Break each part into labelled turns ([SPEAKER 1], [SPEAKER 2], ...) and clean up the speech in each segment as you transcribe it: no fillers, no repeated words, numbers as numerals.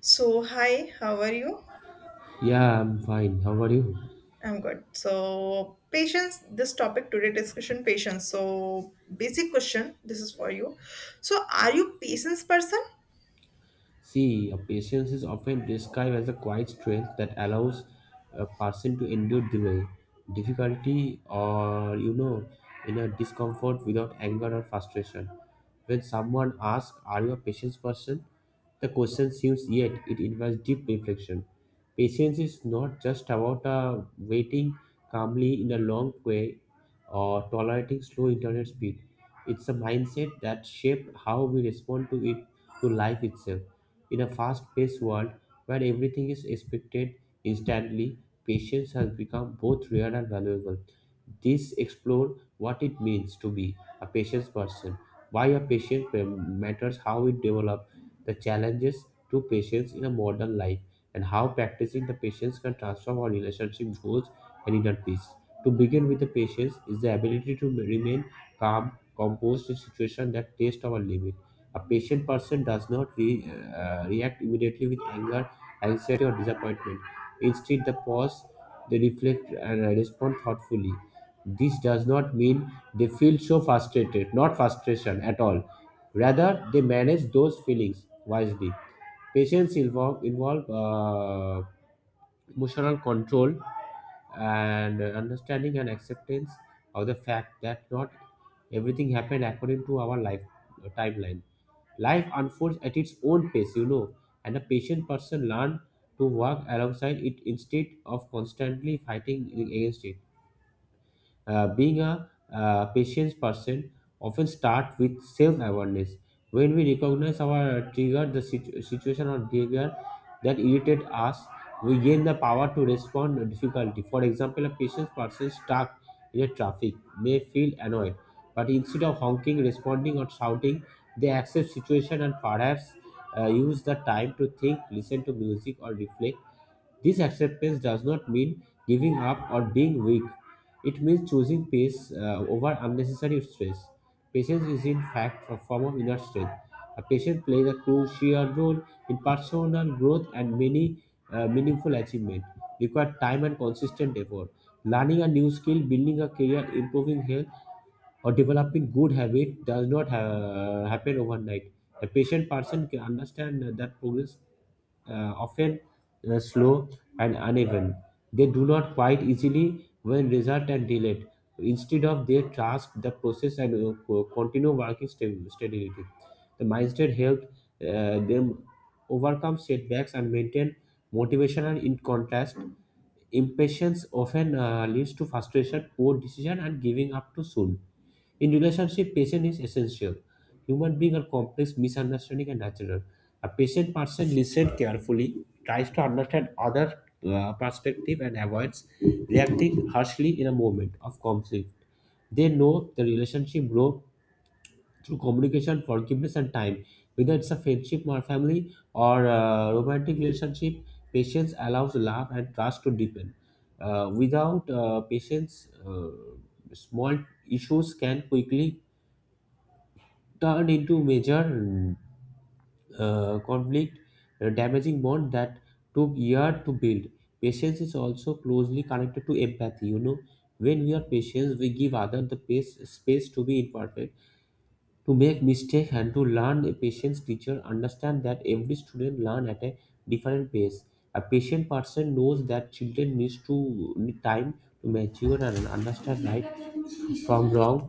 [SPEAKER 1] So, hi, how are you?
[SPEAKER 2] Yeah, I'm fine. How are you?
[SPEAKER 1] I'm good. So, patience, this topic today discussion patience. So, basic question, this is for you. So, are you patience person?
[SPEAKER 2] See, a patience is often described as a quiet strength that allows a person to endure delay, difficulty, or inner discomfort without anger or frustration. When someone asks, "Are you a patient person?" The question seems yet it invites deep reflection. Patience is not just about waiting calmly in a long queue or tolerating slow internet speed. It's a mindset that shapes how we respond to life itself. In a fast-paced world where everything is expected instantly, patience has become both rare and valuable. This explore what it means to be a patient person, why a patient matters, how it develops the challenges to patience in a modern life, and how practicing the patience can transform our relationship goals and inner peace. To begin with, the patience is the ability to remain calm, composed in situations that test our limit. A patient person does not react immediately with anger, anxiety, or disappointment. Instead, they pause, they reflect, and respond thoughtfully. This does not mean they feel so frustrated, not frustration at all. Rather, they manage those feelings wisely. Patience involve emotional control and understanding and acceptance of the fact that not everything happened according to our life timeline. Life unfolds at its own pace, and a patient person learn to work alongside it instead of constantly fighting against it. Being a patience person often start with self-awareness. When we recognize our trigger, the situation or behavior that irritate us, we gain the power to respond to difficulty. For example, a patient person stuck in a traffic may feel annoyed, but instead of honking, responding, or shouting, they accept situation and perhaps use the time to think, listen to music, or reflect. This acceptance does not mean giving up or being weak. It means choosing peace over unnecessary stress. Patience is, in fact, a form of inner strength. A patient plays a crucial role in personal growth, and many meaningful achievement require time and consistent effort. Learning a new skill, building a career, improving health, or developing good habit does not happen overnight. A patient person can understand that progress often slow and uneven. They do not quite easily when result and delayed. Instead of their task, the process and continue working steadily. The mindset helped them overcome setbacks and maintain motivation. And in contrast, impatience often leads to frustration, poor decision, and giving up too soon. In relationship, patience is essential. Human beings are complex, misunderstanding, and natural. A patient person listens carefully, tries to understand other perspective, and avoids reacting harshly in a moment of conflict. They know the relationship grows through communication, forgiveness, and time. Whether it's a friendship or family or a romantic relationship, patience allows love and trust to deepen. Without patience, small issues can quickly turn into major conflict, damaging bond that took years to build. Patience is also closely connected to empathy. When we are patient, we give others space to be imperfect, to make mistakes and to learn. A patient teacher understand that every student learn at a different pace. A patient person knows that children needs to need time to mature and understand right from wrong.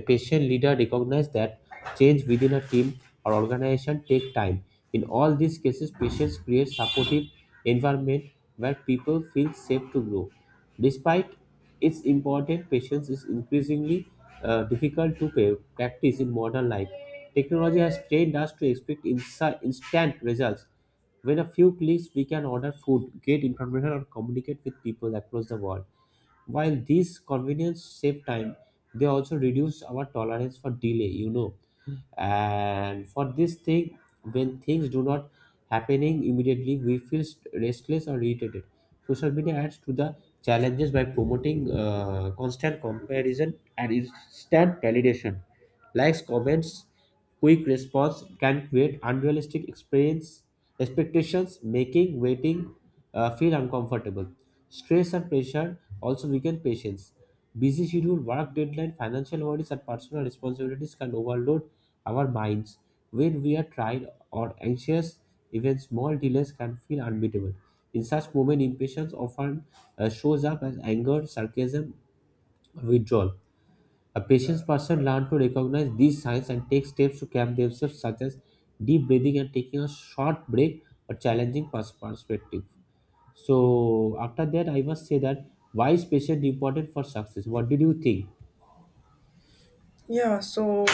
[SPEAKER 2] A patient leader recognizes that change within a team or organization take time. In all these cases, patients create supportive environment where people feel safe to grow. Despite its importance, patience is increasingly difficult to practice in modern life. Technology has trained us to expect instant results. With a few clicks, we can order food, get information, or communicate with people across the world. While these convenience save time, they also reduce our tolerance for delay, And for this thing, when things do not happening immediately, we feel restless or irritated. Social media adds to the challenges by promoting constant comparison and instant validation. Likes, comments, quick response can create unrealistic experience expectations, making waiting feel uncomfortable. Stress and pressure also weaken patience. Busy schedule, work deadline, financial worries, and personal responsibilities can overload our minds. When we are tired or anxious, even small delays can feel unbeatable. In such moments, impatience often shows up as anger, sarcasm, withdrawal. A patient person learns to recognize these signs and take steps to calm themselves, such as deep breathing and taking a short break or challenging perspective. So after that, I must say that why is patient important for success? What did you think?
[SPEAKER 1] Yeah, so.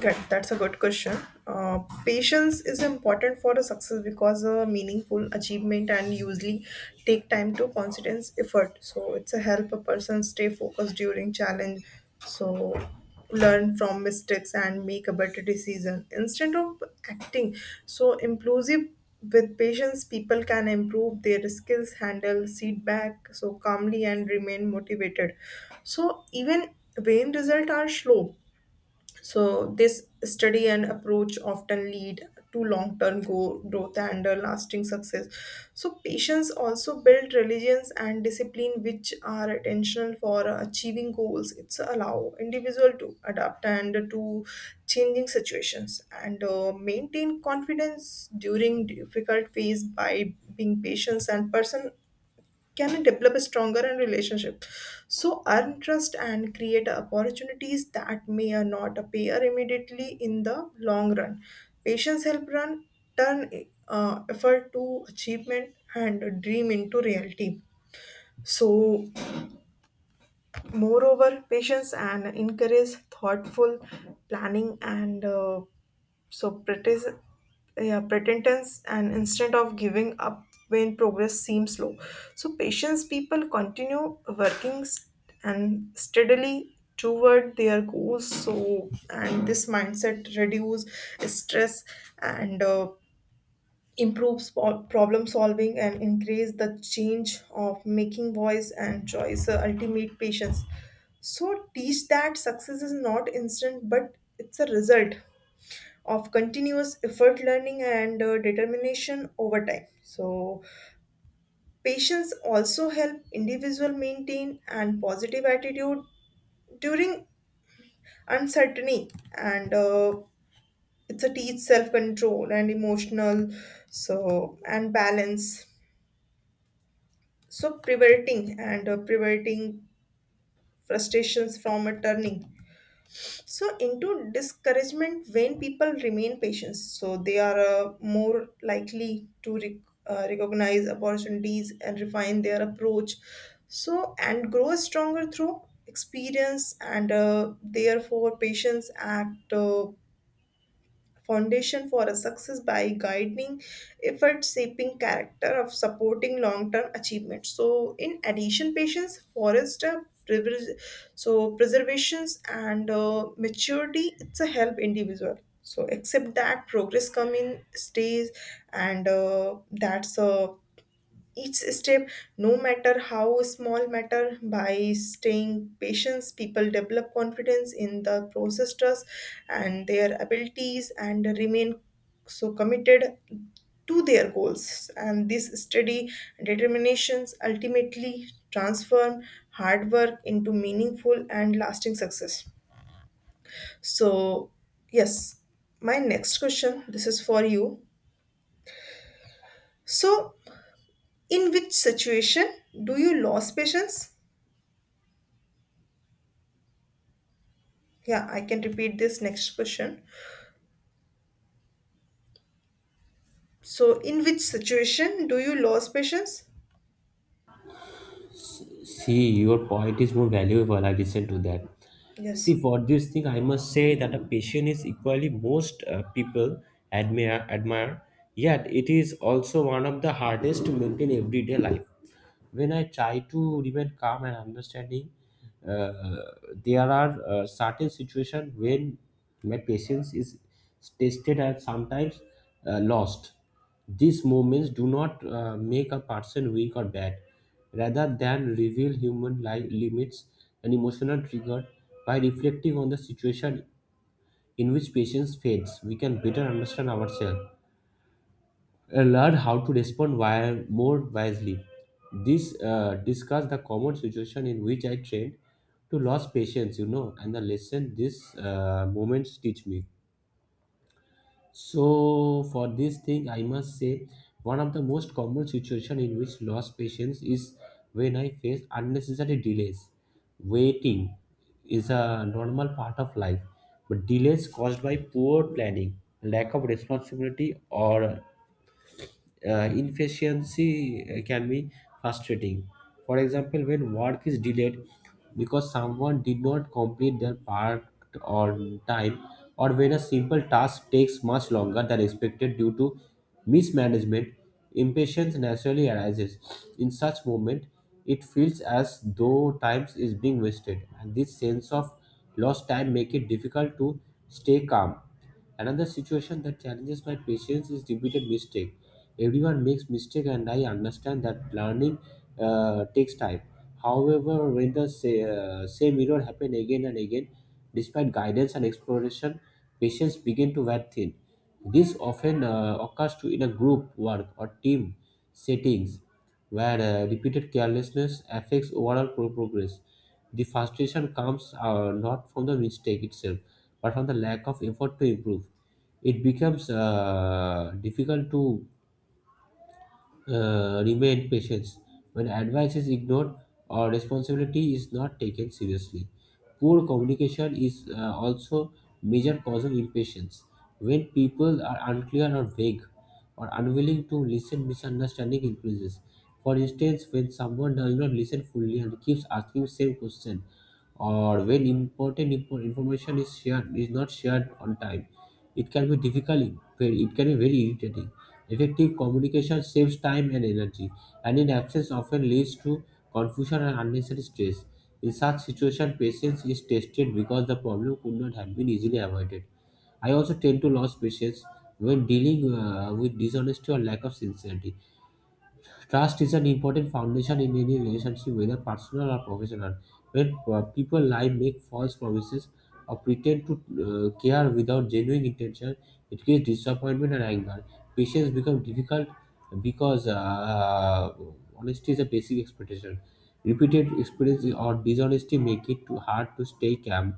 [SPEAKER 1] Good. That's a good question. Uh, Patience is important for a success because a meaningful achievement and usually take time to constant effort. So it's a help a person stay focused during challenge. So learn from mistakes and make a better decision instead of acting so impulsive with patience people can improve their skills handle feedback so calmly and remain motivated so even when results are slow so this study and approach often lead to long-term growth and lasting success. So patients also build religions and discipline which are intentional for achieving goals. It's allow individual to adapt and to changing situations and maintain confidence during difficult phase by being patient and person can it develop a stronger and relationship so earn trust and create opportunities that may or not appear immediately in the long run patience help run turn effort to achievement and dream into reality so moreover, patience and encourage thoughtful planning and so pretis- yeah, pretendence and instead of giving up when progress seems slow. So patience people continue working and steadily toward their goals. So and this mindset reduce stress and improves problem solving and increase the change of making voice and choice ultimate patience so teach that success is not instant but it's a result of continuous effort learning and determination over time so patience also help individual maintain and positive attitude during uncertainty and it's a teach self control and emotional so and balance so preventing and preventing frustrations from a turning so into discouragement when people remain patient so they are more likely to recognize opportunities and refine their approach so and grow stronger through experience and therefore patience act foundation for a success by guiding effort shaping character of supporting long-term achievement so in addition patience forester privilege- so preservations and maturity it's a help individual so accept that progress come in stages and that's a each step no matter how small matter by staying patient people develop confidence in the process trust and their abilities and remain so committed to their goals and this steady determinations ultimately transform hard work into meaningful and lasting success so yes my next question this is for you so in which situation do you lose patience. Yeah, I can repeat this next question. So, in which situation do you lose patience?
[SPEAKER 2] See, your point is more valuable. I listen to that.
[SPEAKER 1] Yes.
[SPEAKER 2] See, for this thing, I must say that a patient is equally most people admire. Yet it is also one of the hardest to maintain everyday life. When I try to remain calm and understanding, uh, there are certain situations when my patience is tested and sometimes lost. These moments do not make a person weak or bad, rather than reveal human limits and emotional trigger. By reflecting on the situation in which patience fades, we can better understand ourselves, learn how to respond more wisely. This discuss the common situation in which I trained to lose patience, and the lesson these moments teach me. So for this thing, I must say one of the most common situation in which lost patience is when I face unnecessary delays. Waiting is a normal part of life, but delays caused by poor planning, lack of responsibility, or inefficiency can be frustrating. For example, when work is delayed because someone did not complete their part on time, or when a simple task takes much longer than expected due to mismanagement, impatience naturally arises. In such moment, it feels as though time is being wasted, and this sense of lost time make it difficult to stay calm. Another situation that challenges my patience is repeated mistake. Everyone makes mistake, and I understand that learning takes time. However, when the say, same error happen again and again, despite guidance and exploration, patients begin to wear thin. This often occurs to in a group work or team settings where repeated carelessness affects overall progress. The frustration comes not from the mistake itself but from the lack of effort to improve. It becomes difficult to remain patient when advice is ignored or responsibility is not taken seriously. Poor communication is also major cause of impatience. When people are unclear or vague or unwilling to listen, misunderstanding increases. For instance, when someone does not listen fully and keeps asking same question, or when important information is not shared on time, it can be difficult. It can be very irritating. Effective communication saves time and energy, and in absence often leads to confusion and unnecessary stress. In such situation, patience is tested because the problem could not have been easily avoided. I also tend to lose patience when dealing with dishonesty or lack of sincerity. Trust is an important foundation in any relationship, whether personal or professional. When people lie, make false promises, or pretend to care without genuine intention, it creates disappointment and anger. Patience becomes difficult because honesty is a basic expectation. Repeated experience or dishonesty make it too hard to stay calm,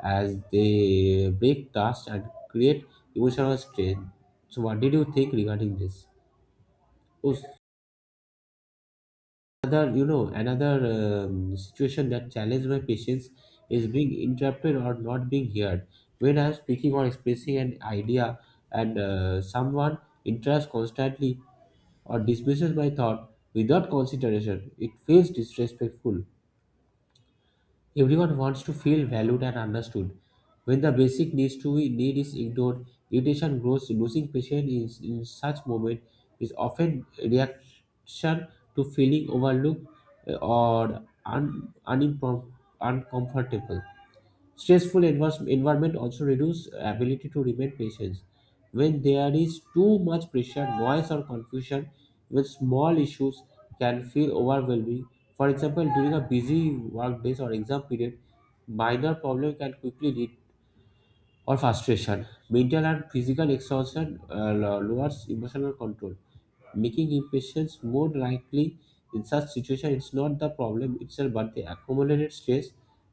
[SPEAKER 2] as they break trust and create emotional strain. So, what did you think regarding this? Oh, another situation that challenged my patience is being interrupted or not being heard. When I'm speaking or expressing an idea and someone interrupts constantly or dismisses my thought without consideration, it feels disrespectful. Everyone wants to feel valued and understood. When the basic needs to need is ignored, irritation grows. Losing patience is, in such moment, is often a reaction to feeling overlooked uh, or un, unimprom- uncomfortable. Stressful environment also reduce ability to remain patient. When there is too much pressure, noise or confusion, even small issues can feel overwhelming. For example, during a busy work days or exam period, minor problem can quickly lead or frustration. Mental and physical exhaustion lowers emotional control, making impatience more likely. In such situation, it's not the problem itself but the accumulated stress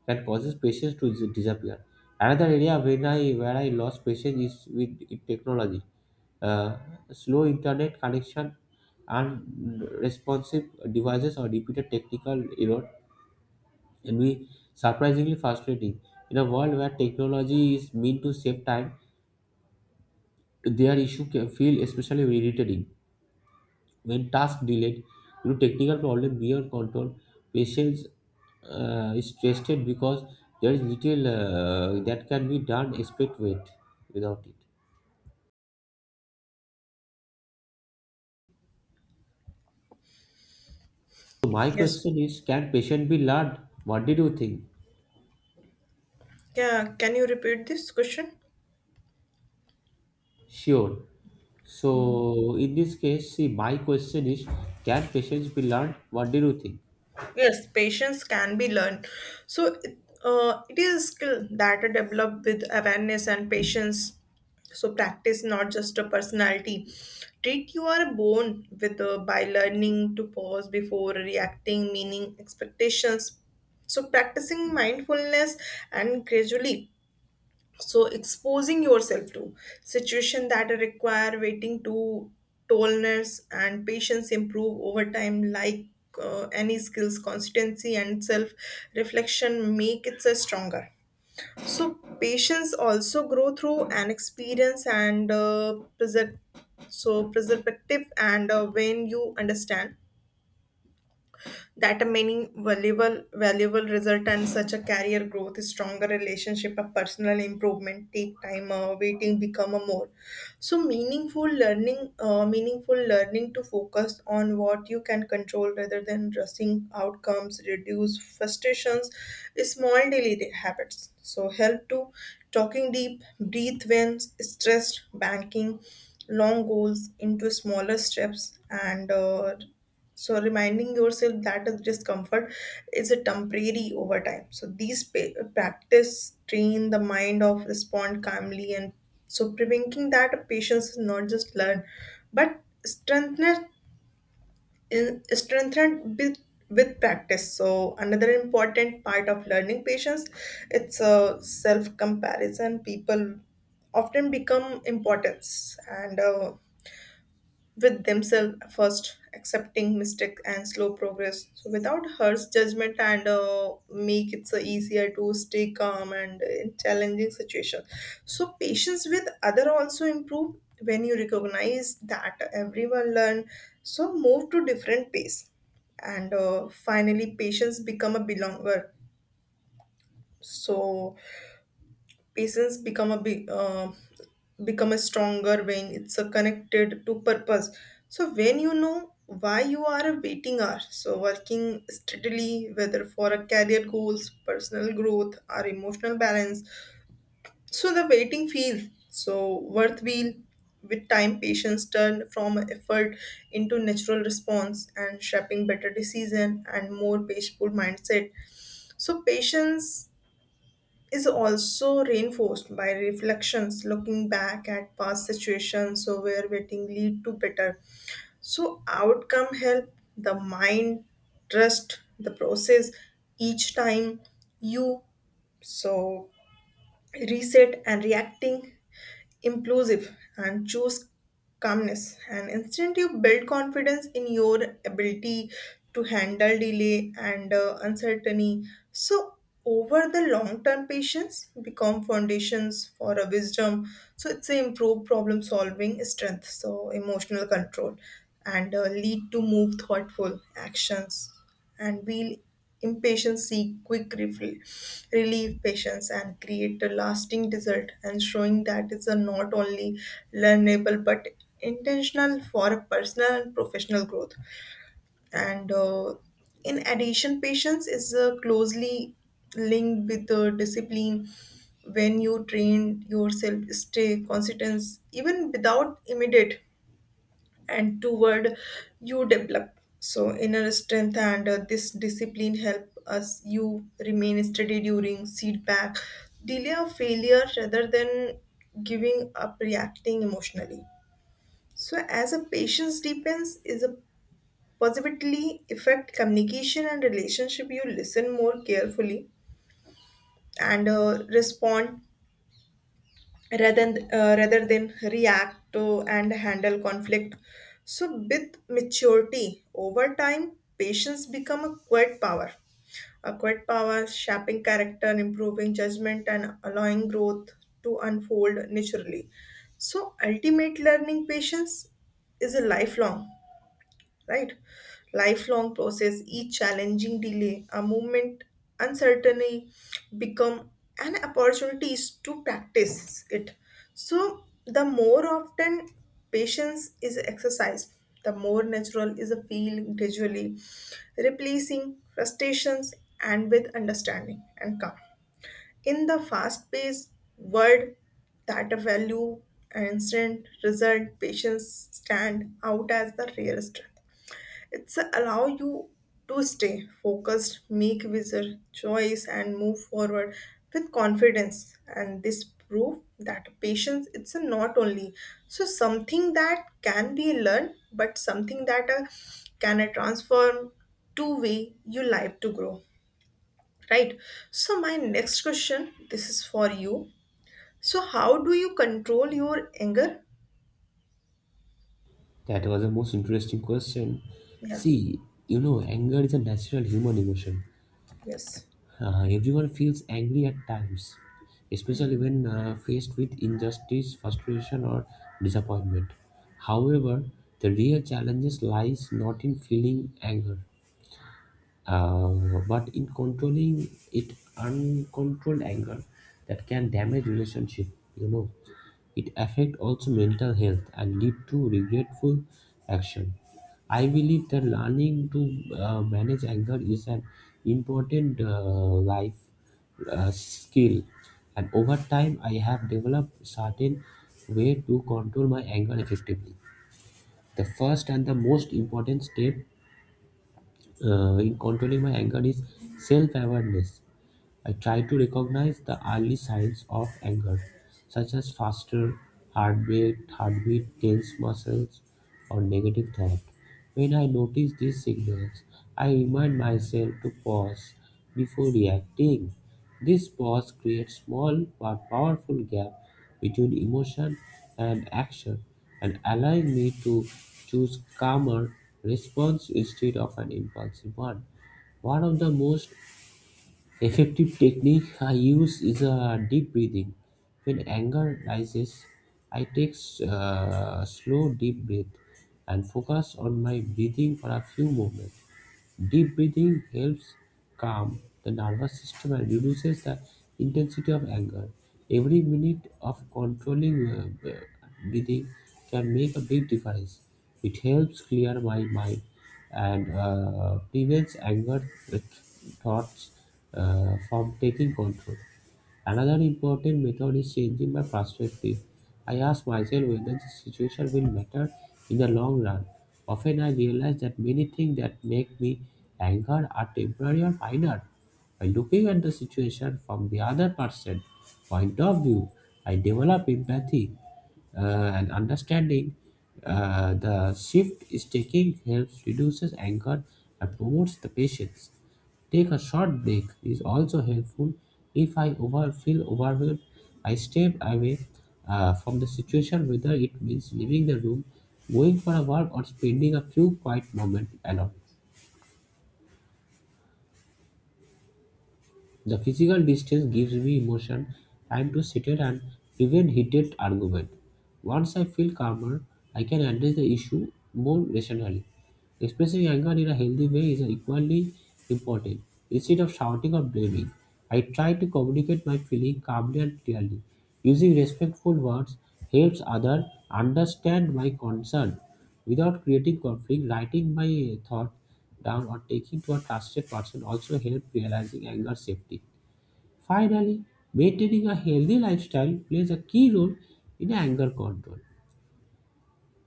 [SPEAKER 2] that causes patience to disappear. Another area when I lost patience is with technology. uh, Slow internet connection and responsive devices or repeated technical error can be surprisingly frustrating. In a world where technology is meant to save time, their issue can feel especially irritating. When task delayed due to technical problem beyond control, patience is tested because there is little that can be done expect wait without it. So my
[SPEAKER 1] Yes.
[SPEAKER 2] question is, can patient be learned? What did you think?
[SPEAKER 1] Yeah, can you repeat this question?
[SPEAKER 2] Sure. So in this case, see, my question is, can patience be learned? What did you think?
[SPEAKER 1] Yes, patience can be learned. So, it- it is a skill that are developed with awareness and patience. So, practice not just a personality. Treat you are born with by learning to pause before reacting, meaning expectations. So, practicing mindfulness and gradually so exposing yourself to situation that require waiting to tolerance and patience improve over time like any skills consistency and self reflection make it a stronger so patience also grow through an experience and so preservative and when you understand that many valuable result and such a career growth stronger relationship a personal improvement take time waiting become a more so meaningful learning to focus on what you can control rather than rushing outcomes reduce frustrations small daily habits so help to talking deep breathe when stressed banking long goals into smaller steps and so reminding yourself that the discomfort is a temporary over time. So these practice train the mind of respond calmly and so preventing that patience is not just learn, but strengthened in strengthened with practice. So another important part of learning patience, it's a self comparison. People often become importance and with themselves first, accepting mistake and slow progress. So without harsh judgment and make it so easier to stay calm and in challenging situation. So patience with other also improve when you recognize that everyone learn. So move to different pace, and finally patience become a belonger. So patience become a big become a stronger when it's a connected to purpose. So when you know why you are a waiting hour, so working steadily, whether for a career goals, personal growth, or emotional balance, so the waiting feels so worth wheel with time patience turn from effort into natural response and shaping better decision and more peaceful mindset so patience is also reinforced by reflections looking back at past situations so where waiting lead to better so outcome help the mind trust the process each time you so reset and reacting inclusive and choose calmness and instead you build confidence in your ability to handle delay and uncertainty so over the long term patience become foundations for a wisdom so it's a improved problem solving strength so emotional control and lead to move thoughtful actions and will impatient seek quick refill, relieve patience and create a lasting result and showing that is a not only learnable but intentional for personal and professional growth and in addition patience is closely linked with the discipline when you train yourself stay consistent even without immediate and toward you develop so inner strength and this discipline help us you remain steady during setback delay of failure rather than giving up reacting emotionally so as a patience deepens is a positively affect communication and relationship you listen more carefully and respond rather than react to and handle conflict so with maturity over time patience become a quiet power shaping character improving judgment and allowing growth to unfold naturally so ultimate learning patience is a lifelong, right? Lifelong process, each challenging delay, a moment uncertainty become an opportunity to practice it. So the more often patience is exercised, the more natural is a feeling gradually, replacing frustrations and with understanding and calm in the fast-paced world that value and instant result patients stand out as the rare strength it's allow you to stay focused, make wiser choice, and move forward with confidence. And this proof that patience it's a not only so something that can be learned, but something that can transform to way you life to grow. Right. So my next question, this is for you. So how do you control your anger?
[SPEAKER 2] That was the most interesting question.
[SPEAKER 1] Yeah.
[SPEAKER 2] See, you know, anger is a natural human emotion.
[SPEAKER 1] Yes.
[SPEAKER 2] Everyone feels angry at times, especially when faced with injustice, frustration, or disappointment. However, the real challenge lies not in feeling anger, uh, but in controlling it. Uncontrolled anger that can damage relationship, you know, it affect also mental health and lead to regretful action. I believe that learning to manage anger is an important life skill, and over time I have developed certain way to control my anger effectively. The first and the most important step in controlling my anger is self awareness. I try to recognize the early signs of anger, such as faster heartbeat, tense muscles, or negative thought. When I notice these signals, I remind myself to pause before reacting. This pause creates small but powerful gap between emotion and action, and allowing me to choose calmer response instead of an impulsive one. One of the most effective technique I use is a deep breathing. When anger rises, I take a slow deep breath and focus on my breathing for a few moments. Deep breathing helps calm the nervous system and reduces the intensity of anger. Every minute of controlling breathing can make a big difference. It helps clear my mind and prevents anger with thoughts from taking control. Another important method is changing my perspective. I ask myself whether the situation will matter in the long run. Often I realize that many things that make me angry are temporary or minor. By looking at the situation from the other person's point of view, I develop empathy uh, and understanding. Uh, the shift is taking helps reduces anger and promotes the patience. Take a short break is also helpful. If I over feel overwhelmed, I step away from the situation, whether it means leaving the room, going for a walk, or spending a few quiet moments alone. The physical distance gives me emotion time to settle and prevent heated argument. Once I feel calmer, I can address the issue more rationally. Expressing anger in a healthy way is equally important. Instead of shouting or blaming, I try to communicate my feeling calmly and clearly. Using respectful words helps others understand my concern without creating conflict. Writing my thought down or taking to a trusted person also help realizing anger safety. Finally, maintaining a healthy lifestyle plays a key role in anger control.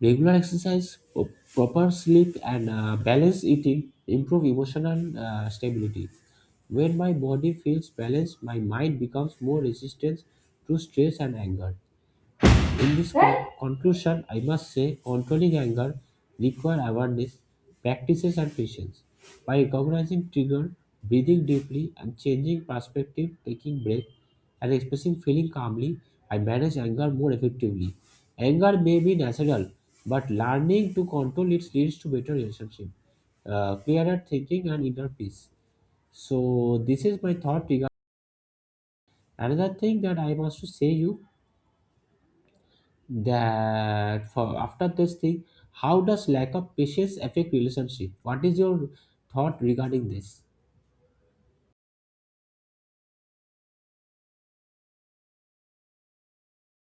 [SPEAKER 2] Regular exercise, proper sleep, and balanced eating improve emotional stability. When my body feels balanced, my mind becomes more resistant to stress and anger. In this conclusion, I must say controlling anger requires awareness, practices, and patience. By recognizing trigger, breathing deeply, and changing perspective, taking break, and expressing feeling calmly, I manage anger more effectively. Anger may be natural, but learning to control it leads to better relationship, clearer thinking, and inner peace. So this is my thought regarding another thing that I must to say you, that for after this thing, how does lack of patience affect relationship? What is your thought regarding this?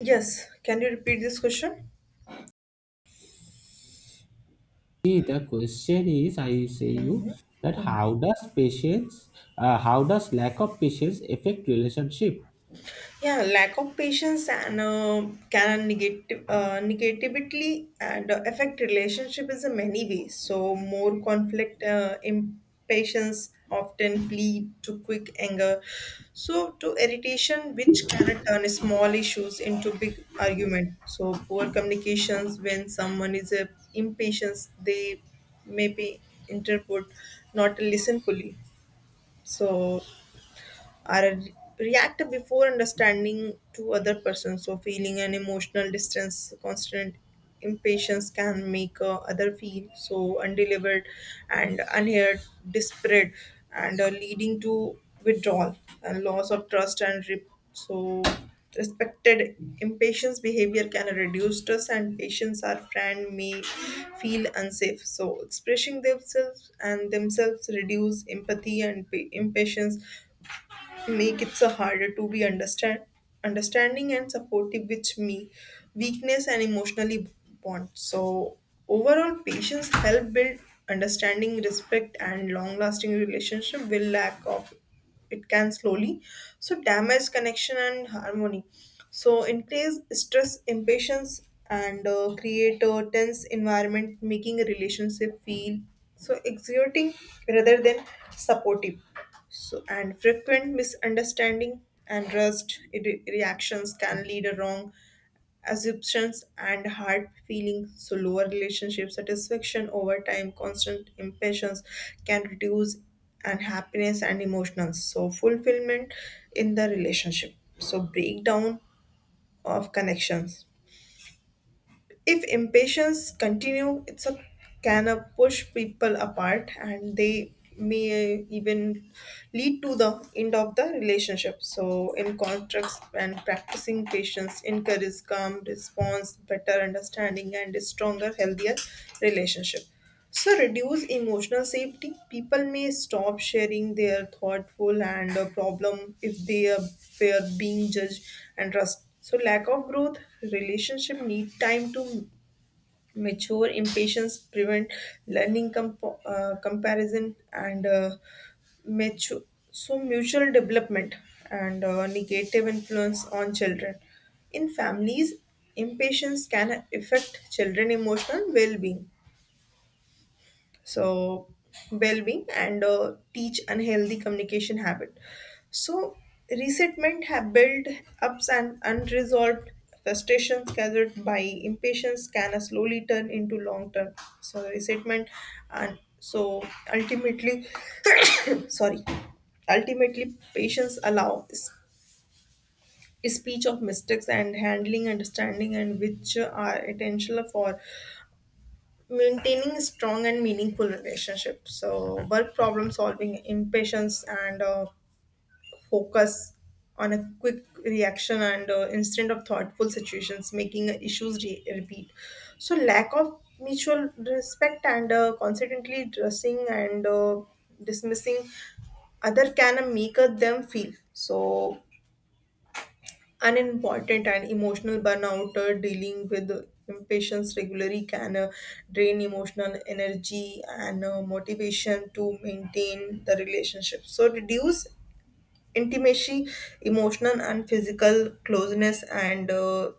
[SPEAKER 1] Yes. Can you repeat this question?
[SPEAKER 2] See, the question is, I say you that how does lack of patience affect relationship?
[SPEAKER 1] Yeah, lack of patience and can negatively and affect relationship is in many ways. So more conflict, impatience often lead to quick anger, so to irritation, which can turn small issues into big argument. So poor communications when someone is impatient, they may be interpret, not listen fully. So or react before understanding to other person so feeling an emotional distance constant impatience can make other feel so undelivered and unheard desperate and leading to withdrawal and loss of trust and so respected impatience behavior can reduce stress and patients or friend may feel unsafe so expressing themselves and themselves reduce empathy and impatience make it so harder to be understanding and supportive which me weakness and emotionally bond so overall patience help build understanding respect and long lasting relationship will lack of it can slowly so damage connection and harmony so increase stress impatience and create a tense environment making a relationship feel so exerting rather than supportive so, and frequent misunderstanding and reactions can lead to wrong assumptions and hard feelings. So, lower relationship satisfaction over time, constant impatience can reduce unhappiness and emotional so fulfillment in the relationship. So, breakdown of connections if impatience continue it's a can push people apart and they may even lead to the end of the relationship so in contracts and practicing patience encourages calm response better understanding and a stronger healthier relationship so, reduce emotional safety. People may stop sharing their thoughtful and problem if they are fear being judged and trust. So, lack of growth, relationship need time to mature. Impatience prevent learning comparison and mature. So, mutual development and negative influence on children. In families, impatience can affect children emotional so well-being and teach unhealthy communication habit so resentment have built ups and unresolved frustrations gathered by impatience can slowly turn into long term so resentment and so ultimately sorry ultimately patience allow speech of mistakes and handling understanding and which are essential for maintaining strong and meaningful relationship so work problem solving impatience and focus on a quick reaction and instead of thoughtful situations making issues repeat so lack of mutual respect and constantly dressing and dismissing other can make them feel so an important and emotional burnout dealing with impatience regularly can drain emotional energy and motivation to maintain the relationship so reduce intimacy emotional and physical closeness and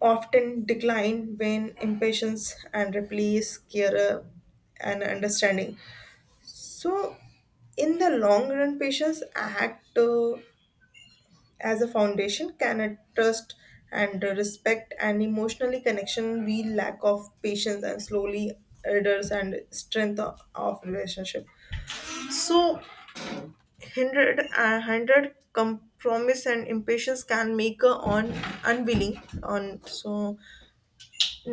[SPEAKER 1] often decline when impatience and replace care and understanding so in the long run patients act as a foundation can I trust and respect and emotionally connection we lack of patience and slowly elders and strength of relationship so hindered compromise and impatience can make a on unwilling on so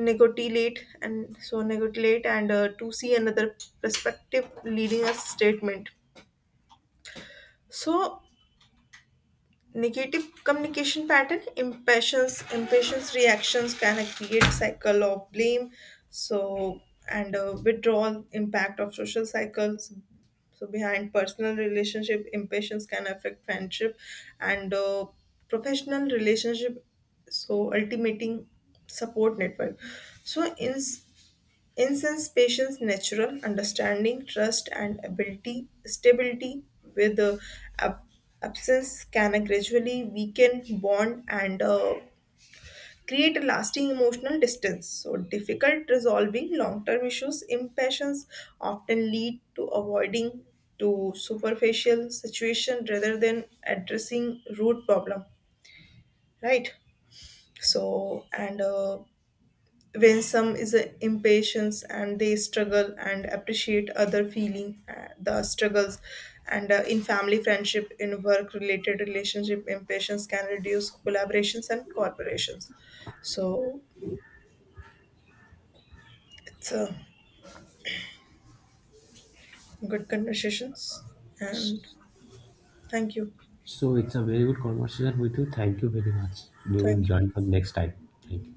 [SPEAKER 1] negotiate and to see another perspective leading a statement so negative communication pattern impatience reactions can create cycle of blame so and withdrawal impact of social cycles so behind personal relationship impatience can affect friendship and professional relationship so ultimating support network so in incense patients' natural understanding, trust, and ability stability with the ab- absence can gradually weaken bond and create a lasting emotional distance. So, difficult resolving long-term issues, impatience often lead to avoiding to superficial situation rather than addressing root problem, right? So and when some is a impatience and they struggle and appreciate other feeling the struggles and in family friendship in work related relationship impatience can reduce collaborations and corporations so it's a good conversations and thank you.
[SPEAKER 2] So it's a very good conversation with you, thank you very much. We will
[SPEAKER 1] Thank you.
[SPEAKER 2] join for next time. Thank you.